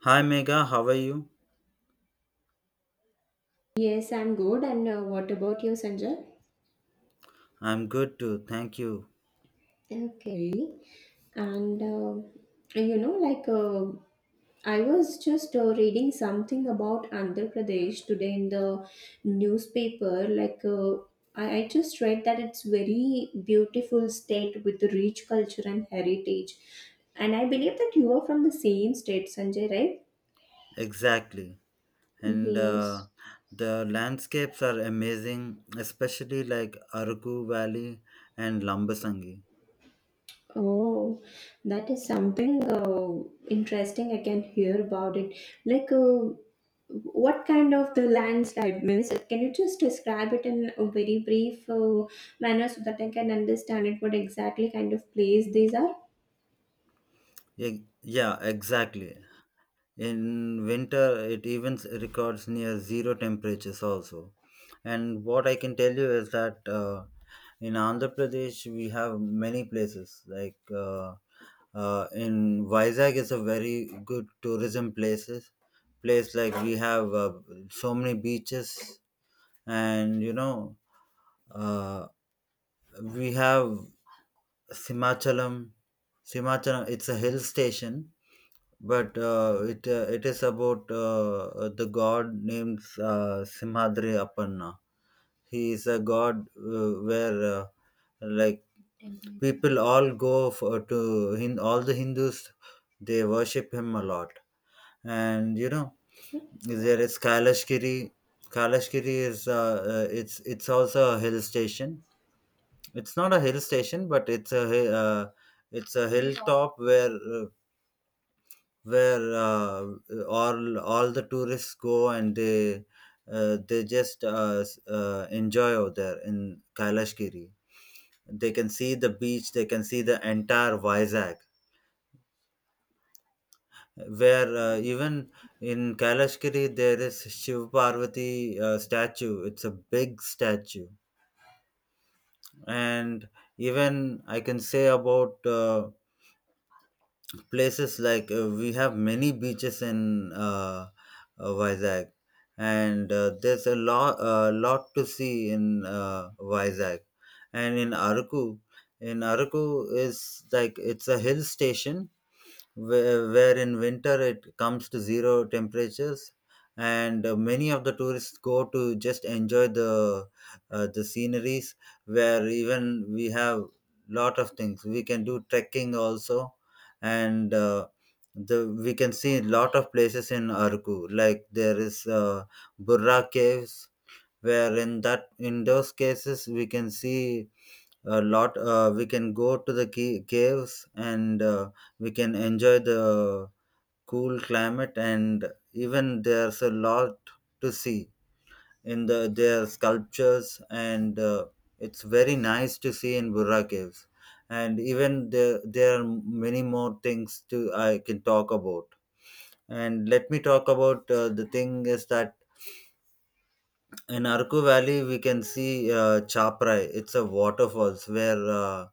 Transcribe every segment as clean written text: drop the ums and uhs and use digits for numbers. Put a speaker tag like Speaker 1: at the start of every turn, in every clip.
Speaker 1: Hi Mega, how are you?
Speaker 2: Yes, I'm good. And what about you, Sanjay?
Speaker 1: I'm good too, thank you.
Speaker 2: Okay. And you know, like I was just reading something about Andhra Pradesh today in the newspaper. I just read that it's very beautiful state with rich culture and heritage. And I believe that you are from the same state, Sanjay, right?
Speaker 1: Exactly. And
Speaker 2: Yes.
Speaker 1: the landscapes are amazing, especially like Araku Valley and Lambasangi.
Speaker 2: Oh, that is something interesting. I can hear about it. Like, uh, what kind of the landslide means? Can you just describe it in a very brief manner so that I can understand it? What exactly kind of place these are?
Speaker 1: Yeah, exactly. In winter it even records near 0 temperatures also. And what I can tell you is that, in Andhra Pradesh we have many places, like, uh, in Vizag is a very good tourism place. Like, we have so many beaches. And you know, uh, we have Simachalam. It's a hill station, but it is about, the god named, Simhadri Appanna. He is a god, where, like, people all go for, to hin all the Hindus, they worship him a lot. And there is Kailashgiri. Kailashgiri is it's also a hill station. It's not a hill station, but it's a hilltop, where all the tourists go, and they just enjoy out there in Kailashgiri. They can see the beach. They can see the entire Vizag. Where Even in Kailashgiri there is Shiv Parvati statue. It's a big statue, and even I can say about. Places, like, we have many beaches in, Vizag, and there's a lot to see in, Vizag, and in Araku. In Araku is, like, it's a hill station, where in winter it comes to 0 temperatures, and many of the tourists go to just enjoy the sceneries, where even we have lot of things. We can do trekking also, and the we can see lot of places in Arku, like there is, Burra Caves, where in that in those cases we can see a lot. We can go to the caves, and we can enjoy the cool climate. And even there's a lot to see in their sculptures, and it's very nice to see in Burra Caves. And even there are many more things to I can talk about. And let me talk about. The thing is that in Arku Valley, we can see, Chaprai. It's a waterfalls where, uh,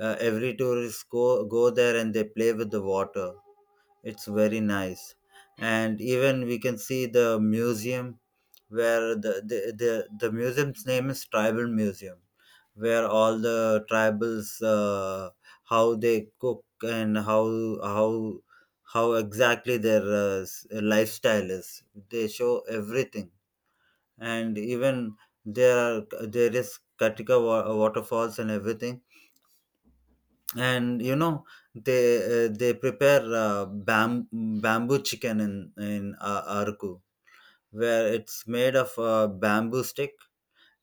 Speaker 1: uh, every tourist go there and they play with the water. It's very nice, and even we can see the museum, where the museum's name is Tribal Museum, where all the tribals, uh, how they cook and how how exactly their lifestyle is. They show everything. And even there is Katika waterfalls and everything. And you know, they prepare, bamboo chicken in, Arku, where it's made of a bamboo stick.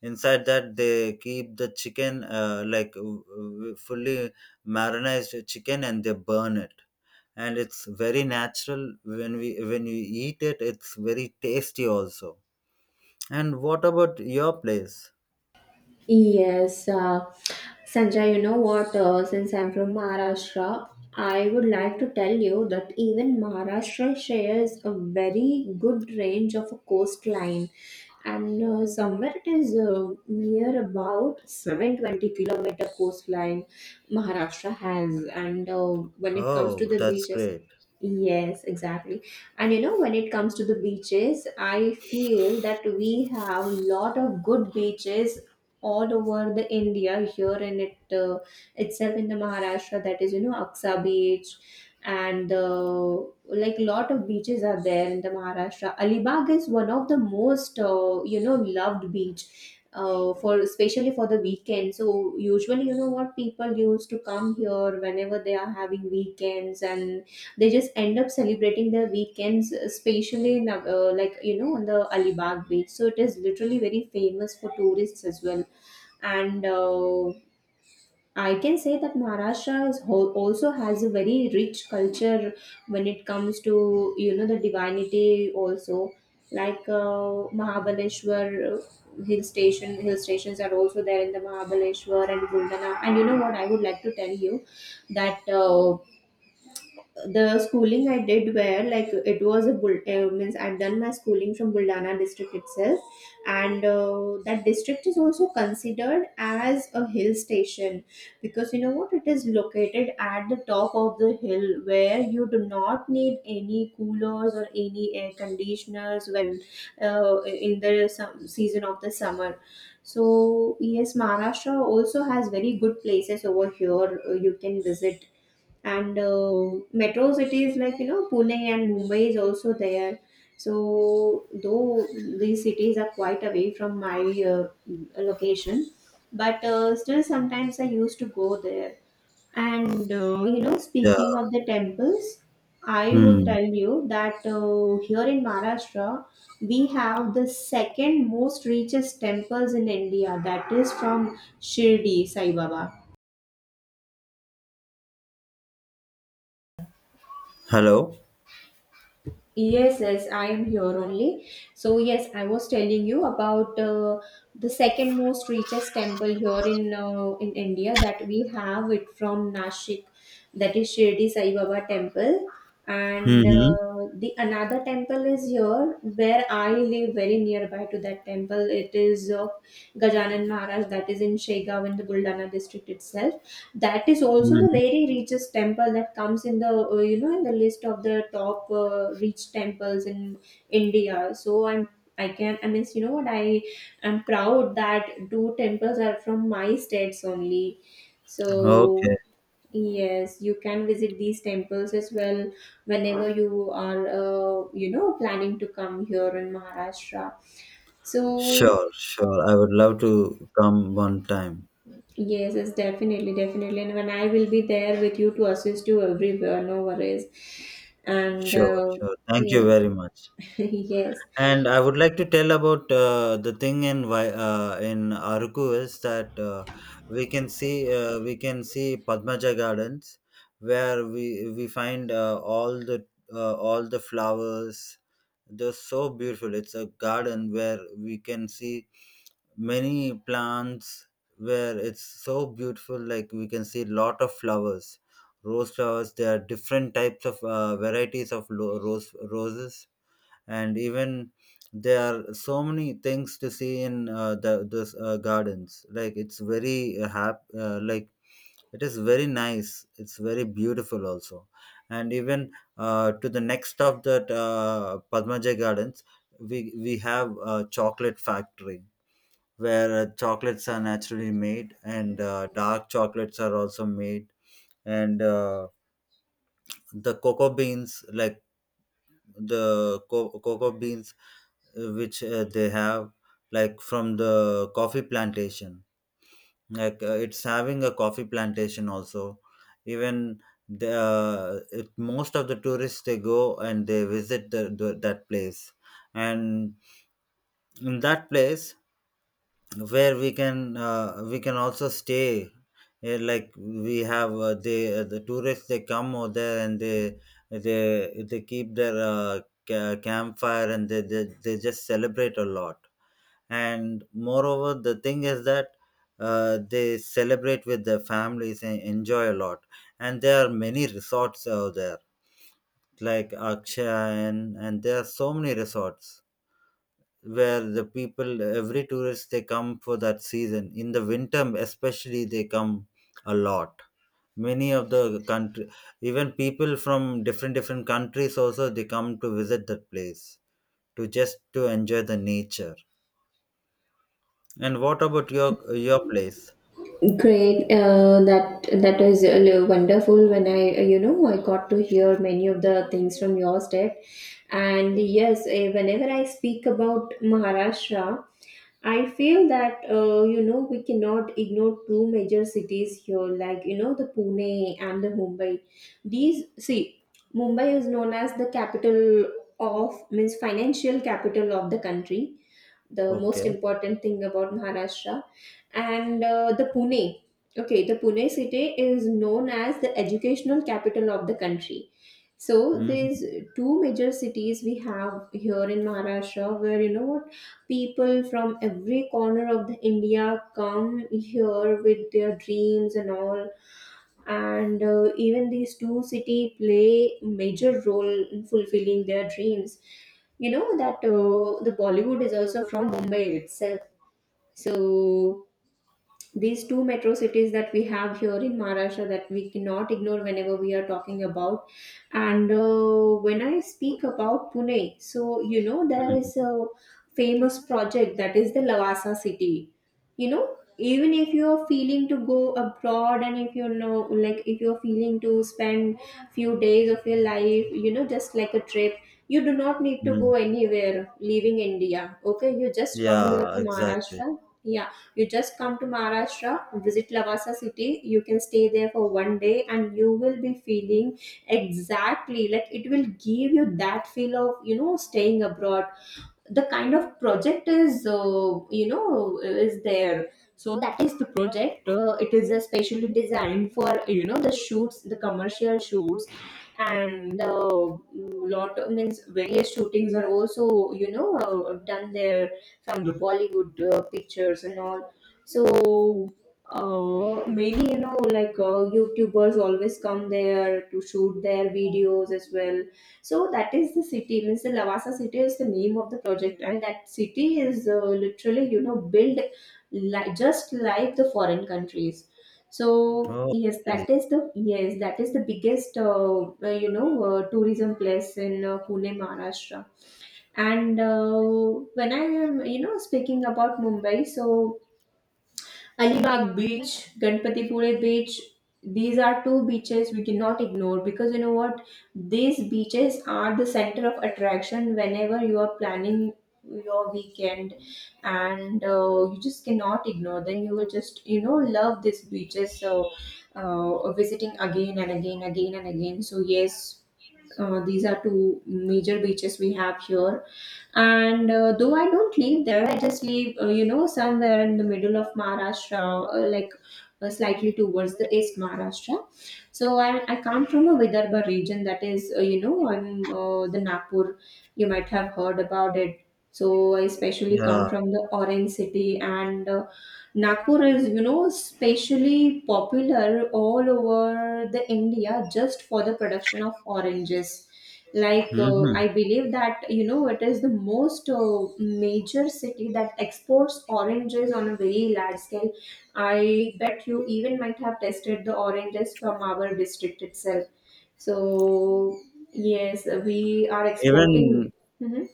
Speaker 1: Inside that they keep the chicken, like, fully marinated chicken, and they burn it, and it's very natural. When you eat it, it's very tasty also. And what about your place?
Speaker 2: Yes, uh, Sanjay, you know what? Since I'm from Maharashtra, I would like to tell you that even Maharashtra shares a very good range of a coastline, and somewhere it is near about 720-kilometer coastline Maharashtra has. And when it comes to
Speaker 1: Oh,
Speaker 2: the
Speaker 1: that's
Speaker 2: beaches,
Speaker 1: great.
Speaker 2: yes, exactly. And you know, when it comes to the beaches, I feel that we have a lot of good beaches all over the India here in it itself in the Maharashtra, that is you know Aksa beach, and like lot of beaches are there in the Maharashtra. Alibag is one of the most you know loved beach for especially for the weekend. So usually you know what, people used to come here whenever they are having weekends and they just end up celebrating their weekends especially in, like you know on the Alibag beach. So it is literally very famous for tourists as well, and I can say that Maharashtra also has a very rich culture when it comes to you know the divinity also, like Mahabaleshwar, hill stations are also there in the Mahabaleshwar and Guldana. And you know what, I would like to tell you that the schooling I did where like it was a bul means I've done my schooling from Buldana district itself, and that district is also considered as a hill station because you know what, it is located at the top of the hill where you do not need any coolers or any air conditioners when in the some season of the summer. So yes, Maharashtra also has very good places over here you can visit. And metro cities like you know Pune and Mumbai is also there, so though these cities are quite away from my uh, location, but still sometimes I used to go there. And you know,
Speaker 1: Yeah.
Speaker 2: speaking of the temples, I would
Speaker 1: Hmm.
Speaker 2: tell you that here in Maharashtra we have the second most richest temples in India, that is from Shirdi Sai Baba.
Speaker 1: Hello.
Speaker 2: Yes, yes, I am here only. So, yes, I was telling you about the second most richest temple here in India that we have it from Nashik, that is Shirdi Sai Baba temple, and
Speaker 1: Mm-hmm.
Speaker 2: the another temple is here where I live very nearby to that temple. It is of Gajanan Maharaj, that is in Shegaon in the Buldana district itself. That is also the
Speaker 1: Mm-hmm.
Speaker 2: very richest temple that comes in the you know in the list of the top rich temples in India. So i'm i can i mean, you know what, I am proud that two temples are from my states only. So
Speaker 1: Okay.
Speaker 2: yes, you can visit these temples as well whenever you are you know planning to come here in Maharashtra. So
Speaker 1: Sure, sure. I would love to come one time.
Speaker 2: yes, yes, definitely, definitely. And when I will be there with you to assist you everywhere, no worries. And
Speaker 1: Sure, sure. Thank you
Speaker 2: yes,
Speaker 1: very much.
Speaker 2: yes,
Speaker 1: And I would like to tell about, the thing in Aruku is that, we can see Padmaja Gardens, where we find, all the flowers. They're so beautiful. It's a garden where we can see many plants, where it's so beautiful, like we can see lot of flowers, rose flowers. There are different types of, varieties of, roses. And even there are so many things to see in the this gardens, like, it's very like, it is very nice, it's very beautiful also. And even, to the next of that, Padmaja Gardens, we we have a chocolate factory, where chocolates are naturally made, and dark chocolates are also made. And the cocoa beans, like, cocoa beans which, they have, like, from the coffee plantation. Like, it's having a coffee plantation also. Even most of the tourists, they go and they visit the that place, and in that place where we can also stay. Eh, like, we have the tourists, they come over there, and they they keep their, campfire, and they just celebrate a lot. And moreover, the thing is that, they celebrate with their families and enjoy a lot. And there are many resorts out there, like Akshaya, and there are so many resorts, where the people every tourist, they come for that season in the winter, especially they come a lot. Many of the country, even people from different countries also, they come to visit that place, to just to enjoy the nature. And what about your place?
Speaker 2: great. That is wonderful. When I, you know, I got to hear many of the things from your step. And yes, whenever I speak about Maharashtra, I feel that you know we cannot ignore two major cities here, like you know the Pune and the Mumbai. These see, Mumbai is known as the capital of, means financial capital of the country, the most
Speaker 1: Okay.
Speaker 2: important thing about Maharashtra. And the Pune, okay, the Pune city is known as the educational capital of the country. So
Speaker 1: Hmm.
Speaker 2: these two major cities we have here in Maharashtra, where you know what, people from every corner of the India come here with their dreams and all. And even these two city play major role in fulfilling their dreams. You know that the Bollywood is also from Mumbai itself. So these two metro cities that we have here in Maharashtra, that we cannot ignore whenever we are talking about. And when I speak about Pune, so you know there is a famous project, that is the Lavasa city. You know, even if you are feeling to go abroad, and if you know, like if you are feeling to spend few days of your life, you know, just like a trip, you do not need to go
Speaker 1: Hmm.
Speaker 2: anywhere leaving India. Okay, you just come here
Speaker 1: Yeah,
Speaker 2: to
Speaker 1: exactly.
Speaker 2: Maharashtra. Yeah, you just come to Maharashtra, visit Lavasa city, you can stay there for one day and you will be feeling exactly like it will give you that feel of, you know, staying abroad. The kind of project is you know is there. So that is the project, it is especially designed for you know the shoots, the commercial shoots. And lot of, means various shootings are also you know done there from the Bollywood pictures and all. So many, you know, like YouTubers always come there to shoot their videos as well. So that is the city. Means the Lavasa city is the name of the project, and that city is literally you know built just like the foreign countries. So
Speaker 1: Oh,
Speaker 2: yes,
Speaker 1: really?
Speaker 2: that is the, yes that is the biggest you know tourism place in Pune, Maharashtra. And when I am you know speaking about Mumbai, so Alibag Beach, Ganpatipure Beach, these are two beaches we cannot ignore because you know what? These beaches are the center of attraction whenever you are planning your weekend, and you just cannot ignore them. You will just, you know, love these beaches. So, visiting again and again, again and again. So, yes, these are two major beaches we have here. And though I don't live there, I just live you know somewhere in the middle of Maharashtra, like slightly towards the east Maharashtra. I come from a Vidarbha region, that is you know I'm the Nagpur. You might have heard about it. So I especially
Speaker 1: Yeah.
Speaker 2: come from the orange city. And Nagpur is you know especially popular all over the India just for the production of oranges. Like I
Speaker 1: Hmm.
Speaker 2: believe that you know it is the most major city that exports oranges on a very large scale. I bet you even might have tested the oranges from our district itself. So yes, we are exporting.
Speaker 1: even
Speaker 2: Mhm.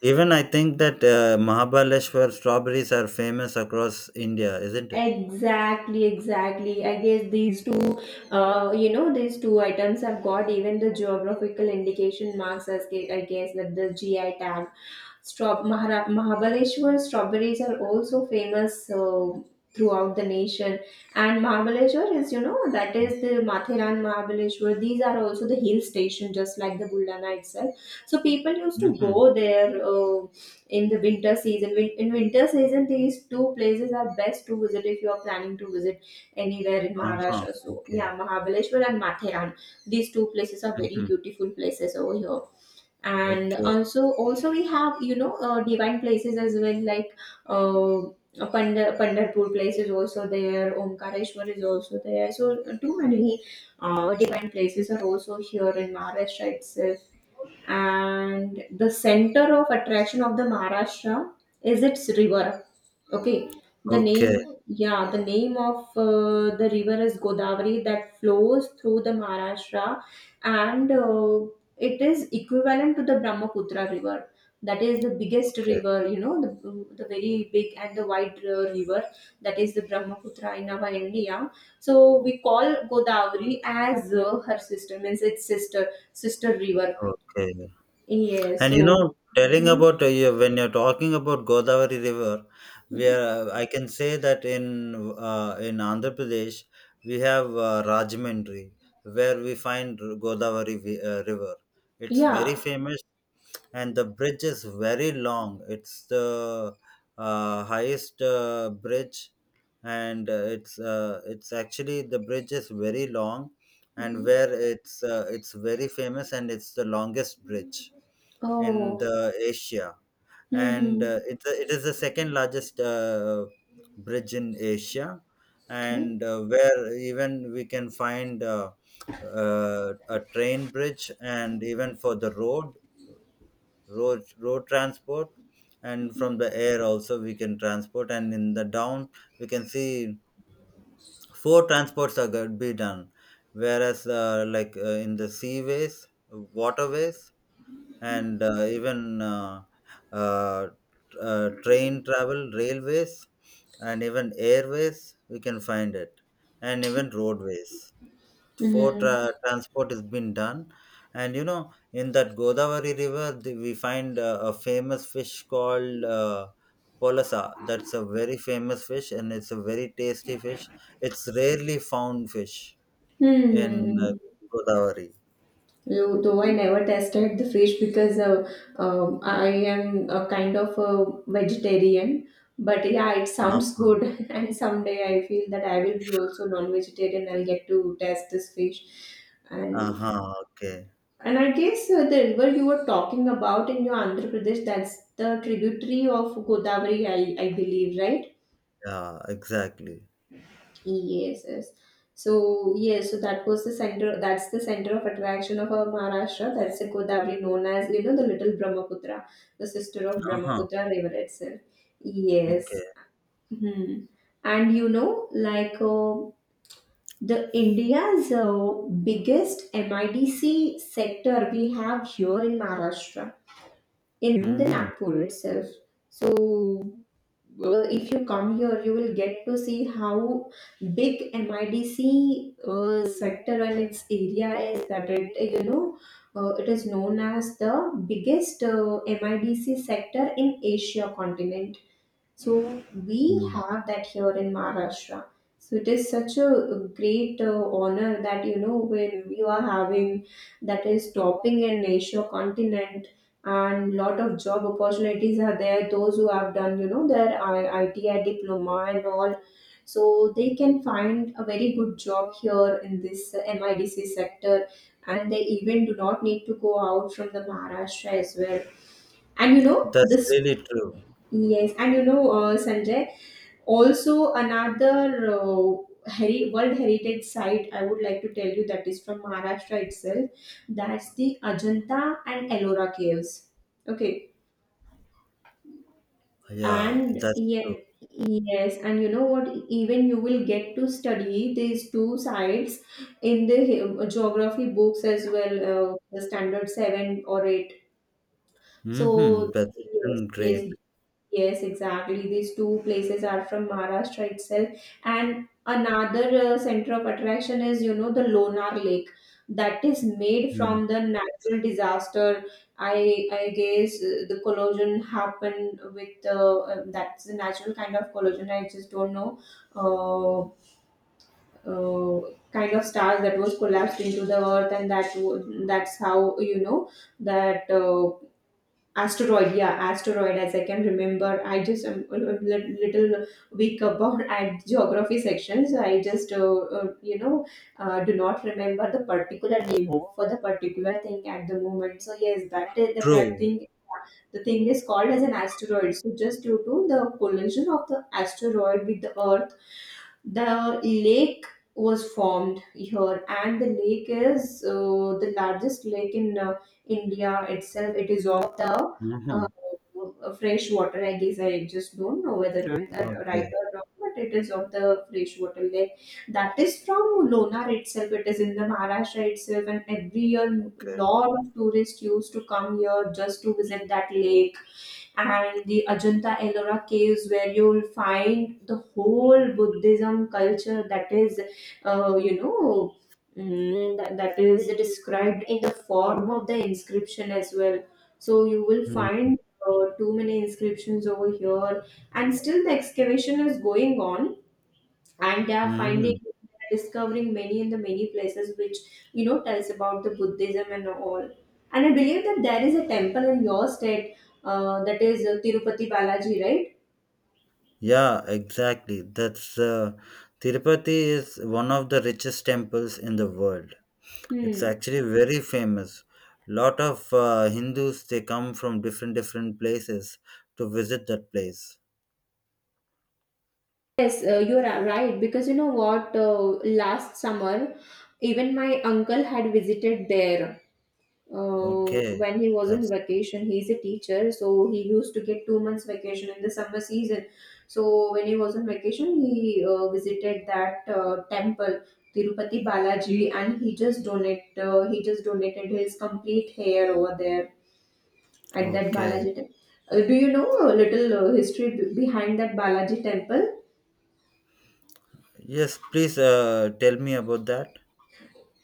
Speaker 1: Even I think that, Mahabaleshwar strawberries are famous across India, isn't it?
Speaker 2: Exactly, exactly. I guess these two, you know, these two items have got even the geographical indication marks as I guess that the GI tag. Mahabaleshwar strawberries are also famous throughout the nation. And Mahabaleshwar is, you know, that is the Mathiran Mahabaleshwar. These are also the hill station, just like the Buldana itself. So people used to
Speaker 1: Mm-hmm.
Speaker 2: go there in the winter season. In winter season, these two places are best to visit if you are planning to visit anywhere in
Speaker 1: Uh-huh.
Speaker 2: Maharashtra. So
Speaker 1: Okay.
Speaker 2: yeah, Mahabaleshwar and Mathiran. These two places are very
Speaker 1: Mm-hmm.
Speaker 2: beautiful places over here, and
Speaker 1: Okay.
Speaker 2: also we have you know divine places as well, like uh, Pandarpur place is also there, Omkareshwar is also there. So too many divine places are also here in Maharashtra itself. And the center of attraction of the Maharashtra is its river. Okay, the
Speaker 1: Okay.
Speaker 2: name, yeah, the name of the river is Godavari that flows through the Maharashtra, and it is equivalent to the Brahmaputra river. That is the biggest
Speaker 1: Okay.
Speaker 2: river, you know, the very big and the wide river, that is the Brahmaputra in our India. So we call Godavari as her sister, means its sister, sister river.
Speaker 1: Okay.
Speaker 2: Yeah,
Speaker 1: And you
Speaker 2: so,
Speaker 1: know, telling
Speaker 2: hmm,
Speaker 1: about, you, when you're talking about Godavari River,
Speaker 2: mhm.
Speaker 1: I can say that, in Andhra Pradesh, we have, Rajahmundry, where we find Godavari River. It's very
Speaker 2: Yeah.
Speaker 1: famous, and the bridge is very long. It's the, highest, bridge, and it's actually, the bridge is very long, and where it's very famous, and it's the longest bridge in
Speaker 2: Oh,
Speaker 1: the Asia,
Speaker 2: hmm,
Speaker 1: and
Speaker 2: hmm.
Speaker 1: it is the second largest, bridge in Asia,
Speaker 2: Okay.
Speaker 1: and where even we can find, a train bridge, and even for the road transport, and from the air also we can transport, and in the down we can see four transports are going to be done, whereas, in the seaways, waterways, and even uh, train travel, railways, and even airways we can find it, and even roadways for
Speaker 2: Mm-hmm.
Speaker 1: transport has been done. And you know, in that Godavari River, we find, a famous fish called, Polasa. That's a very famous fish, and it's a very tasty fish. It's rarely found fish in, uh,
Speaker 2: Hmm.
Speaker 1: Godavari.
Speaker 2: You, though I never tested the fish because I am a kind of a vegetarian. But yeah, it sounds
Speaker 1: Uh-huh.
Speaker 2: good. And someday I feel that I will be also non-vegetarian. I'll get to test this fish. And
Speaker 1: Uh-huh. Okay.
Speaker 2: and I guess the river you were talking about in your Andhra Pradesh, that's the tributary of Godavari, I believe, right?
Speaker 1: Yeah, exactly.
Speaker 2: Yes, yes. So yes, so that was the center. That's the center of attraction of our Maharashtra. That's the Godavari, known as the little Brahmaputra, the sister of
Speaker 1: Uh-huh.
Speaker 2: Brahmaputra River itself.
Speaker 1: Okay.
Speaker 2: Yes. Hmm. And you know, like the India's biggest MIDC sector we have here in Maharashtra, in the
Speaker 1: Mm-hmm.
Speaker 2: Nagpur itself. So, well, if you come here, you will get to see how big MIDC sector and its area is. That it, you know, it is known as the biggest MIDC sector in Asia continent, so we
Speaker 1: Mm.
Speaker 2: have that here in Maharashtra. So it is such a great honor that you know when you are having that is topping in Asia continent, and lot of job opportunities are there. Those who have done their ITI diploma and all, so they can find a very good job here in this MIDC sector, and they even do not need to go out from the Maharashtra as well. And you know
Speaker 1: That's
Speaker 2: this,
Speaker 1: really true.
Speaker 2: yes, and you know Sanjay. Also, another World Heritage Site I would like to tell you that is from Maharashtra itself. That's the Ajanta and Ellora caves. Okay,
Speaker 1: Yeah,
Speaker 2: and
Speaker 1: that's true.
Speaker 2: yeah, yes, and you know what? Even you will get to study these two sites in the geography books as well, the standard seven or eight.
Speaker 1: Mm-hmm.
Speaker 2: So
Speaker 1: That's
Speaker 2: yes,
Speaker 1: even great.
Speaker 2: yes, yes, exactly. These two places are from Maharashtra itself. And another center of attraction is, you know, the Lonar Lake, that is made
Speaker 1: Mm.
Speaker 2: from the natural disaster. I guess the collision happened with the that's the natural kind of collision. I just don't know. Uh, kind of stars that was collapsed into the earth and that's how you know that asteroid, yeah, asteroid, as I can remember. I just am a little weak about at geography section, so I just, do not remember the particular name for the particular thing at the moment. So yes, that is that
Speaker 1: True.
Speaker 2: thing. The thing is called as an asteroid. So just due to the collision of the asteroid with the Earth, the lake was formed here, and the lake is the largest lake in India itself. It is of the
Speaker 1: Mhm.
Speaker 2: uh, fresh water. I guess I just don't know whether I'm the right
Speaker 1: Okay,
Speaker 2: or wrong, but it is of the freshwater lake. That is from Lonar itself. It is in the Maharashtra itself, and every year,
Speaker 1: okay.
Speaker 2: lot of tourists used to come here just to visit that lake, and the Ajanta Ellora caves, where you'll find the whole Buddhism culture, that is, uh, you know, that is described in the form of the inscription as well. So you will
Speaker 1: Hmm.
Speaker 2: find too many inscriptions over here, and still the excavation is going on and they are finding,
Speaker 1: Hmm.
Speaker 2: discovering many in the many places which you know tells about the buddhism and all. And I believe that there is a temple in your state, that is tirupati balaji, right?
Speaker 1: Yeah, exactly. That's, Tirupati is one of the richest temples in the world. It's
Speaker 2: Hmm.
Speaker 1: actually very famous. Lot of, Hindus, they come from different places to visit that place.
Speaker 2: Yes, you're right, because you know what, last summer even my uncle had visited there,
Speaker 1: Okay,
Speaker 2: when he was on
Speaker 1: that's
Speaker 2: vacation. He's a teacher, so he used to get 2 months vacation in the summer season. So when he was on vacation, he visited that temple, tirupati balaji, and he just donated his complete hair over there at that
Speaker 1: okay.
Speaker 2: balaji temple. Do you know a little history behind that balaji temple?
Speaker 1: Yes, please, tell me about that.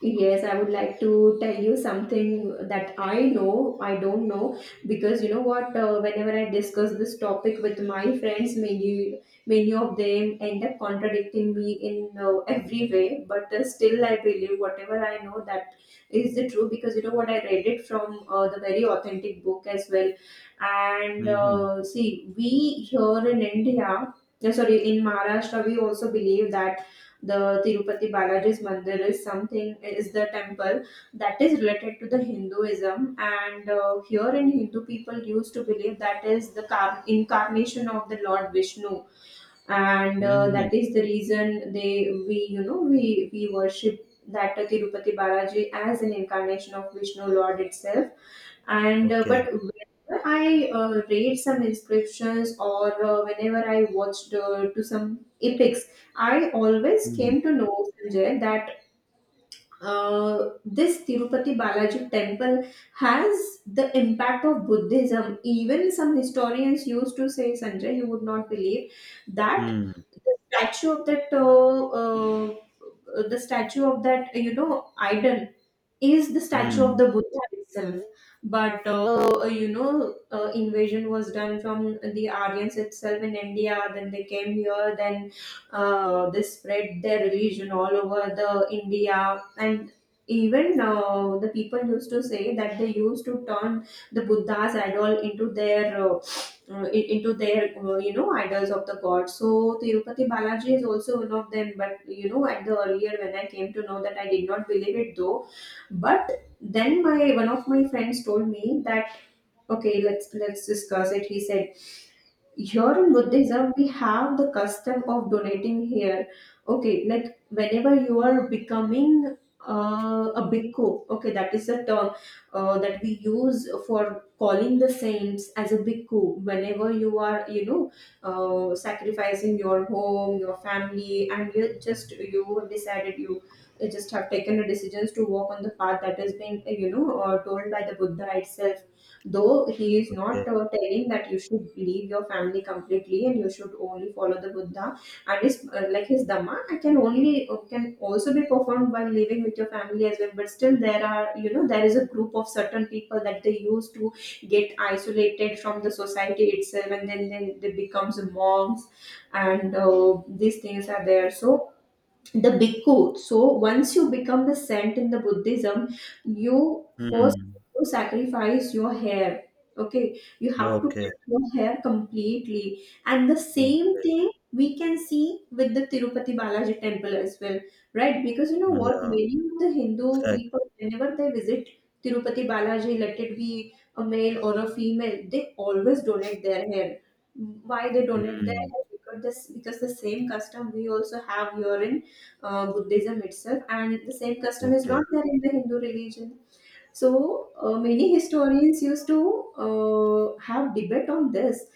Speaker 2: Yes, I would like to tell you something that I know. I don't know, because you know what, whenever I discuss this topic with my friends, many of them end up contradicting me in every way, but still I believe whatever I know, that is the truth, because you know what, I read it from the very authentic book as well. And
Speaker 1: Hmm.
Speaker 2: see, we here in India, no, sorry, in Maharashtra, we also believe that the Tirupati Balaji's Mandir is the temple that is related to the Hinduism, and here in Hindu people used to believe that is the incarnation of the Lord Vishnu, and
Speaker 1: Hmm.
Speaker 2: that is the reason they we you know we worship that Tirupati Balaji as an incarnation of Vishnu Lord itself. And
Speaker 1: Okay.
Speaker 2: but whenever I read some inscriptions or whenever I watched to some epics, I always
Speaker 1: Hmm.
Speaker 2: came to know, Sanjay, that this tirupati balaji temple has the impact of buddhism. Even some historians used to say, Sanjay, you would not believe that
Speaker 1: Hmm.
Speaker 2: the statue of that the statue of that you know idol is the statue of
Speaker 1: Hmm.
Speaker 2: the Buddha itself. But you know, invasion was done from the Aryans itself in India. Then they came here. Then they spread their religion all over the India. And even the people used to say that they used to turn the Buddha's idol into their into their you know idols of the gods. So Tirupati Balaji is also one of them. But you know, at the earlier when I came to know that, I did not believe it though, but then my one of my friends told me that, okay, let's discuss it, he said. Here in buddhism we have the custom of donating here. Okay, like whenever you are becoming a bhikkhu, okay, that is the term that we use for calling the saints, as a bhikkhu. Whenever you are, you know, sacrificing your home, your family, and you have decided, you just have taken the decisions to walk on the path that has been you know told by the buddha itself, though he is
Speaker 1: Okay.
Speaker 2: not telling that you should leave your family completely and you should only follow the buddha and his like his dhamma. I can only can also be performed by living with your family as well, but still there are, you know, there is a group of certain people that they use to get isolated from the society itself, and then they becomes monks, and these things are there, so the bhikkhu. So once you become the saint in the Buddhism, you first
Speaker 1: Hmm.
Speaker 2: have to sacrifice your hair. Okay, you have to
Speaker 1: Okay.
Speaker 2: cut your hair completely, and the same
Speaker 1: Okay.
Speaker 2: thing we can see with the Tirupati Balaji temple as well, right? Because you know what,
Speaker 1: Yeah.
Speaker 2: many of the Hindu people,
Speaker 1: Exactly.
Speaker 2: whenever they visit Tirupati Balaji, let it be a male or a female, they always donate their hair. Why they donate their
Speaker 1: Mm.
Speaker 2: hair? Because the same custom we also have here in Buddhism itself, and the same custom is
Speaker 1: Okay.
Speaker 2: not there in the Hindu religion. So many historians used to have debate on this,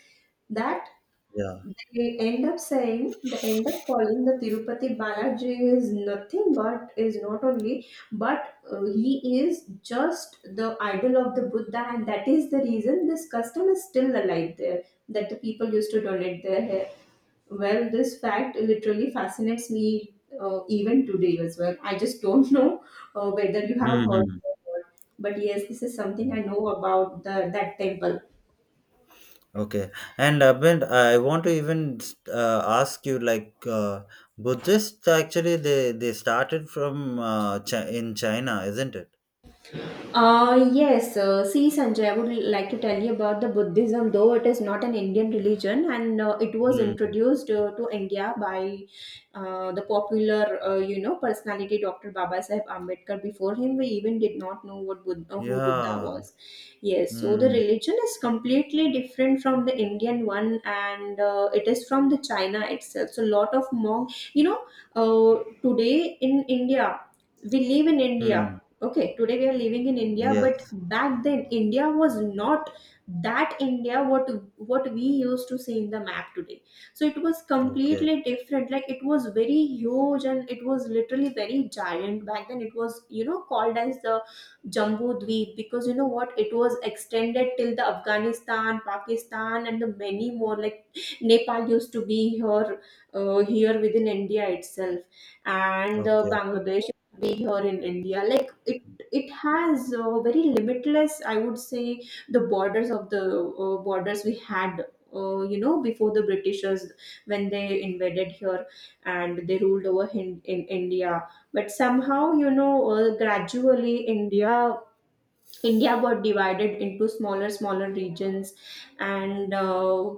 Speaker 2: that
Speaker 1: Yeah.
Speaker 2: they end up calling the Tirupati Balaji is not only but he is just the idol of the Buddha, and that is the reason this custom is still alive there. That the people used to donate their hair. Well, this fact literally fascinates me even today as well. I just don't know whether you have heard, or
Speaker 1: Mm-hmm.
Speaker 2: not. But yes, this is something I know about the that temple.
Speaker 1: Okay. And Abhind, I want to even, ask you, like, Buddhists actually, they started from, in China, isn't it?
Speaker 2: Yes, see, Sanjay, I would like to tell you about the Buddhism, though it is not an Indian religion, and it was
Speaker 1: Mm.
Speaker 2: introduced to India by the popular, you know, personality, Dr. Baba Sahib Ambedkar. Before him, we even did not know what who Buddha
Speaker 1: Yeah.
Speaker 2: was. Yes, so the
Speaker 1: Mm.
Speaker 2: religion is completely different from the Indian one, and it is from the China itself. So lot of monk, you know, today in India, we live in India,
Speaker 1: Hmm.
Speaker 2: okay, today we are living in india, but
Speaker 1: Yes.
Speaker 2: back then india was not that india what we used to see in the map today. So it was
Speaker 1: Okay.
Speaker 2: completely different, like it was very huge and it was literally very giant back then. It was, you know, called as the jambu dweep, because you know what, it was extended till the afghanistan, pakistan, and the many more, like nepal used to be here, here within india itself, and
Speaker 1: Okay.
Speaker 2: bangladesh way here in India. Like it has very limitless, I would say, the borders of the borders we had. You know, before the Britishers, when they invaded here and they ruled over in India, but somehow, you know, gradually India got divided into smaller regions, and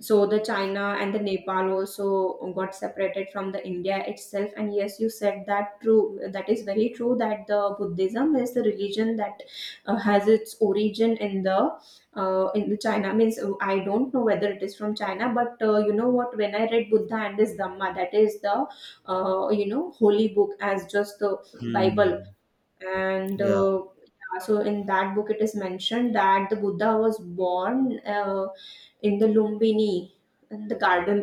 Speaker 2: so the China and the Nepal also got separated from the India itself. And yes, you said that true. That is very true, that the Buddhism is the religion that has its origin in the China. Means I don't know whether it is from China, but you know what, when I read Buddha and his Dhamma, that is the you know holy book, as just the Bible.
Speaker 1: Hmm.
Speaker 2: And
Speaker 1: Yeah.
Speaker 2: yeah, so in that book it is mentioned that the buddha was born in the lumbini, in the garden,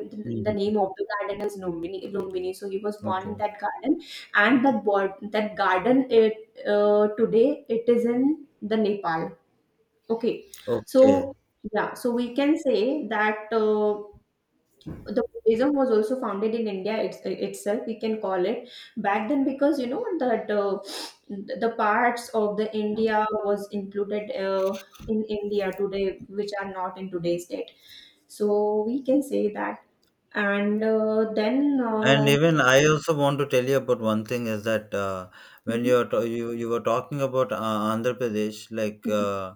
Speaker 2: the
Speaker 1: Hmm.
Speaker 2: name of the garden is lumbini, lumbini, so he was born in
Speaker 1: Okay.
Speaker 2: that garden. And that garden, it today it is in the nepal, okay. So
Speaker 1: Okay.
Speaker 2: yeah, so we can say that the Buddhism was also founded in India itself, we can call it, back then, because you know that the parts of the India was included in India today, which are not in today's date. So we can say that. And
Speaker 1: And even I also want to tell you about one thing is that, when you were talking about, Andhra Pradesh, like,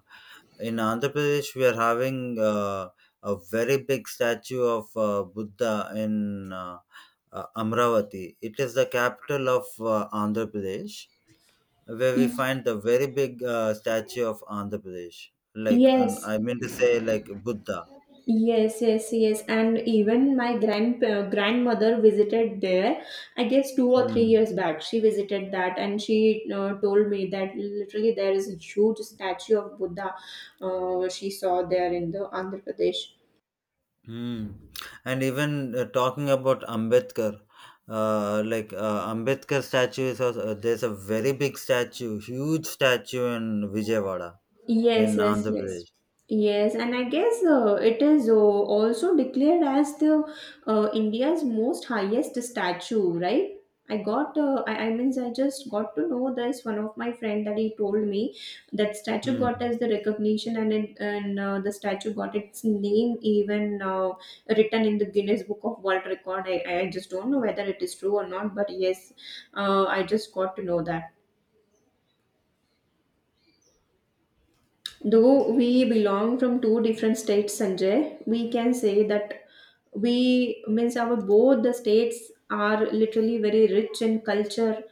Speaker 1: in Andhra Pradesh, we are having, a very big statue of, Buddha in, Amravati. It is the capital of, Andhra Pradesh, where we find the very big, statue of Andhra Pradesh. Like, an,
Speaker 2: yes,
Speaker 1: I mean to say, like, Buddha.
Speaker 2: yes, yes, yes. And even my grandmother visited there. I guess two or three
Speaker 1: Hmm.
Speaker 2: years back, she visited that, and she told me that literally there is a huge statue of Buddha she saw there in the Andhra Pradesh.
Speaker 1: Hmm. And even, talking about Ambedkar, Ambedkar statue is also, there's a very big statue, huge statue, in Vijayawada
Speaker 2: Yes,
Speaker 1: in
Speaker 2: yes,
Speaker 1: Andhra
Speaker 2: yes.
Speaker 1: Pradesh.
Speaker 2: Yes, and I guess it is also declared as the India's most highest statue, right? I got, I means I just got to know this. One of my friend that he told me that statue got
Speaker 1: Hmm.
Speaker 2: as the recognition, and the statue got its name even written in the Guinness Book of World Record. I just don't know whether it is true or not, but yes, I just got to know that. Though we belong from two different states, Sanjay, we can say that we means our both the states are literally very rich in culture,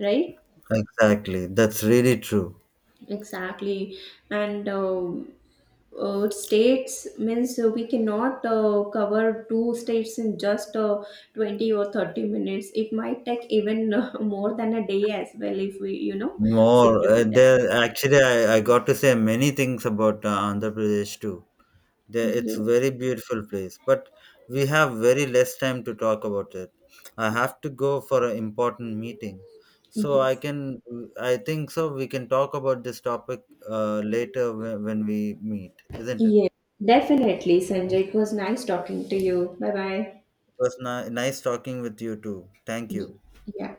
Speaker 2: right?
Speaker 1: Exactly, that's really true.
Speaker 2: Exactly, and um, states means we cannot cover two states in just 20 or 30 minutes. It might take even more than a day as well, if we you know sit
Speaker 1: More,
Speaker 2: together.
Speaker 1: there actually, I got to say many things about, Andhra Pradesh too. There, it's
Speaker 2: Yes,
Speaker 1: very beautiful place, but we have very less time to talk about it. I have to go for an important meeting, so I
Speaker 2: yes.
Speaker 1: can. I think so. We can talk about this topic, later, when we meet, isn't it?
Speaker 2: Yeah, definitely, Sanjay. It was nice talking to you. Bye bye.
Speaker 1: It was nice talking with you too. Thank you.
Speaker 2: Yeah.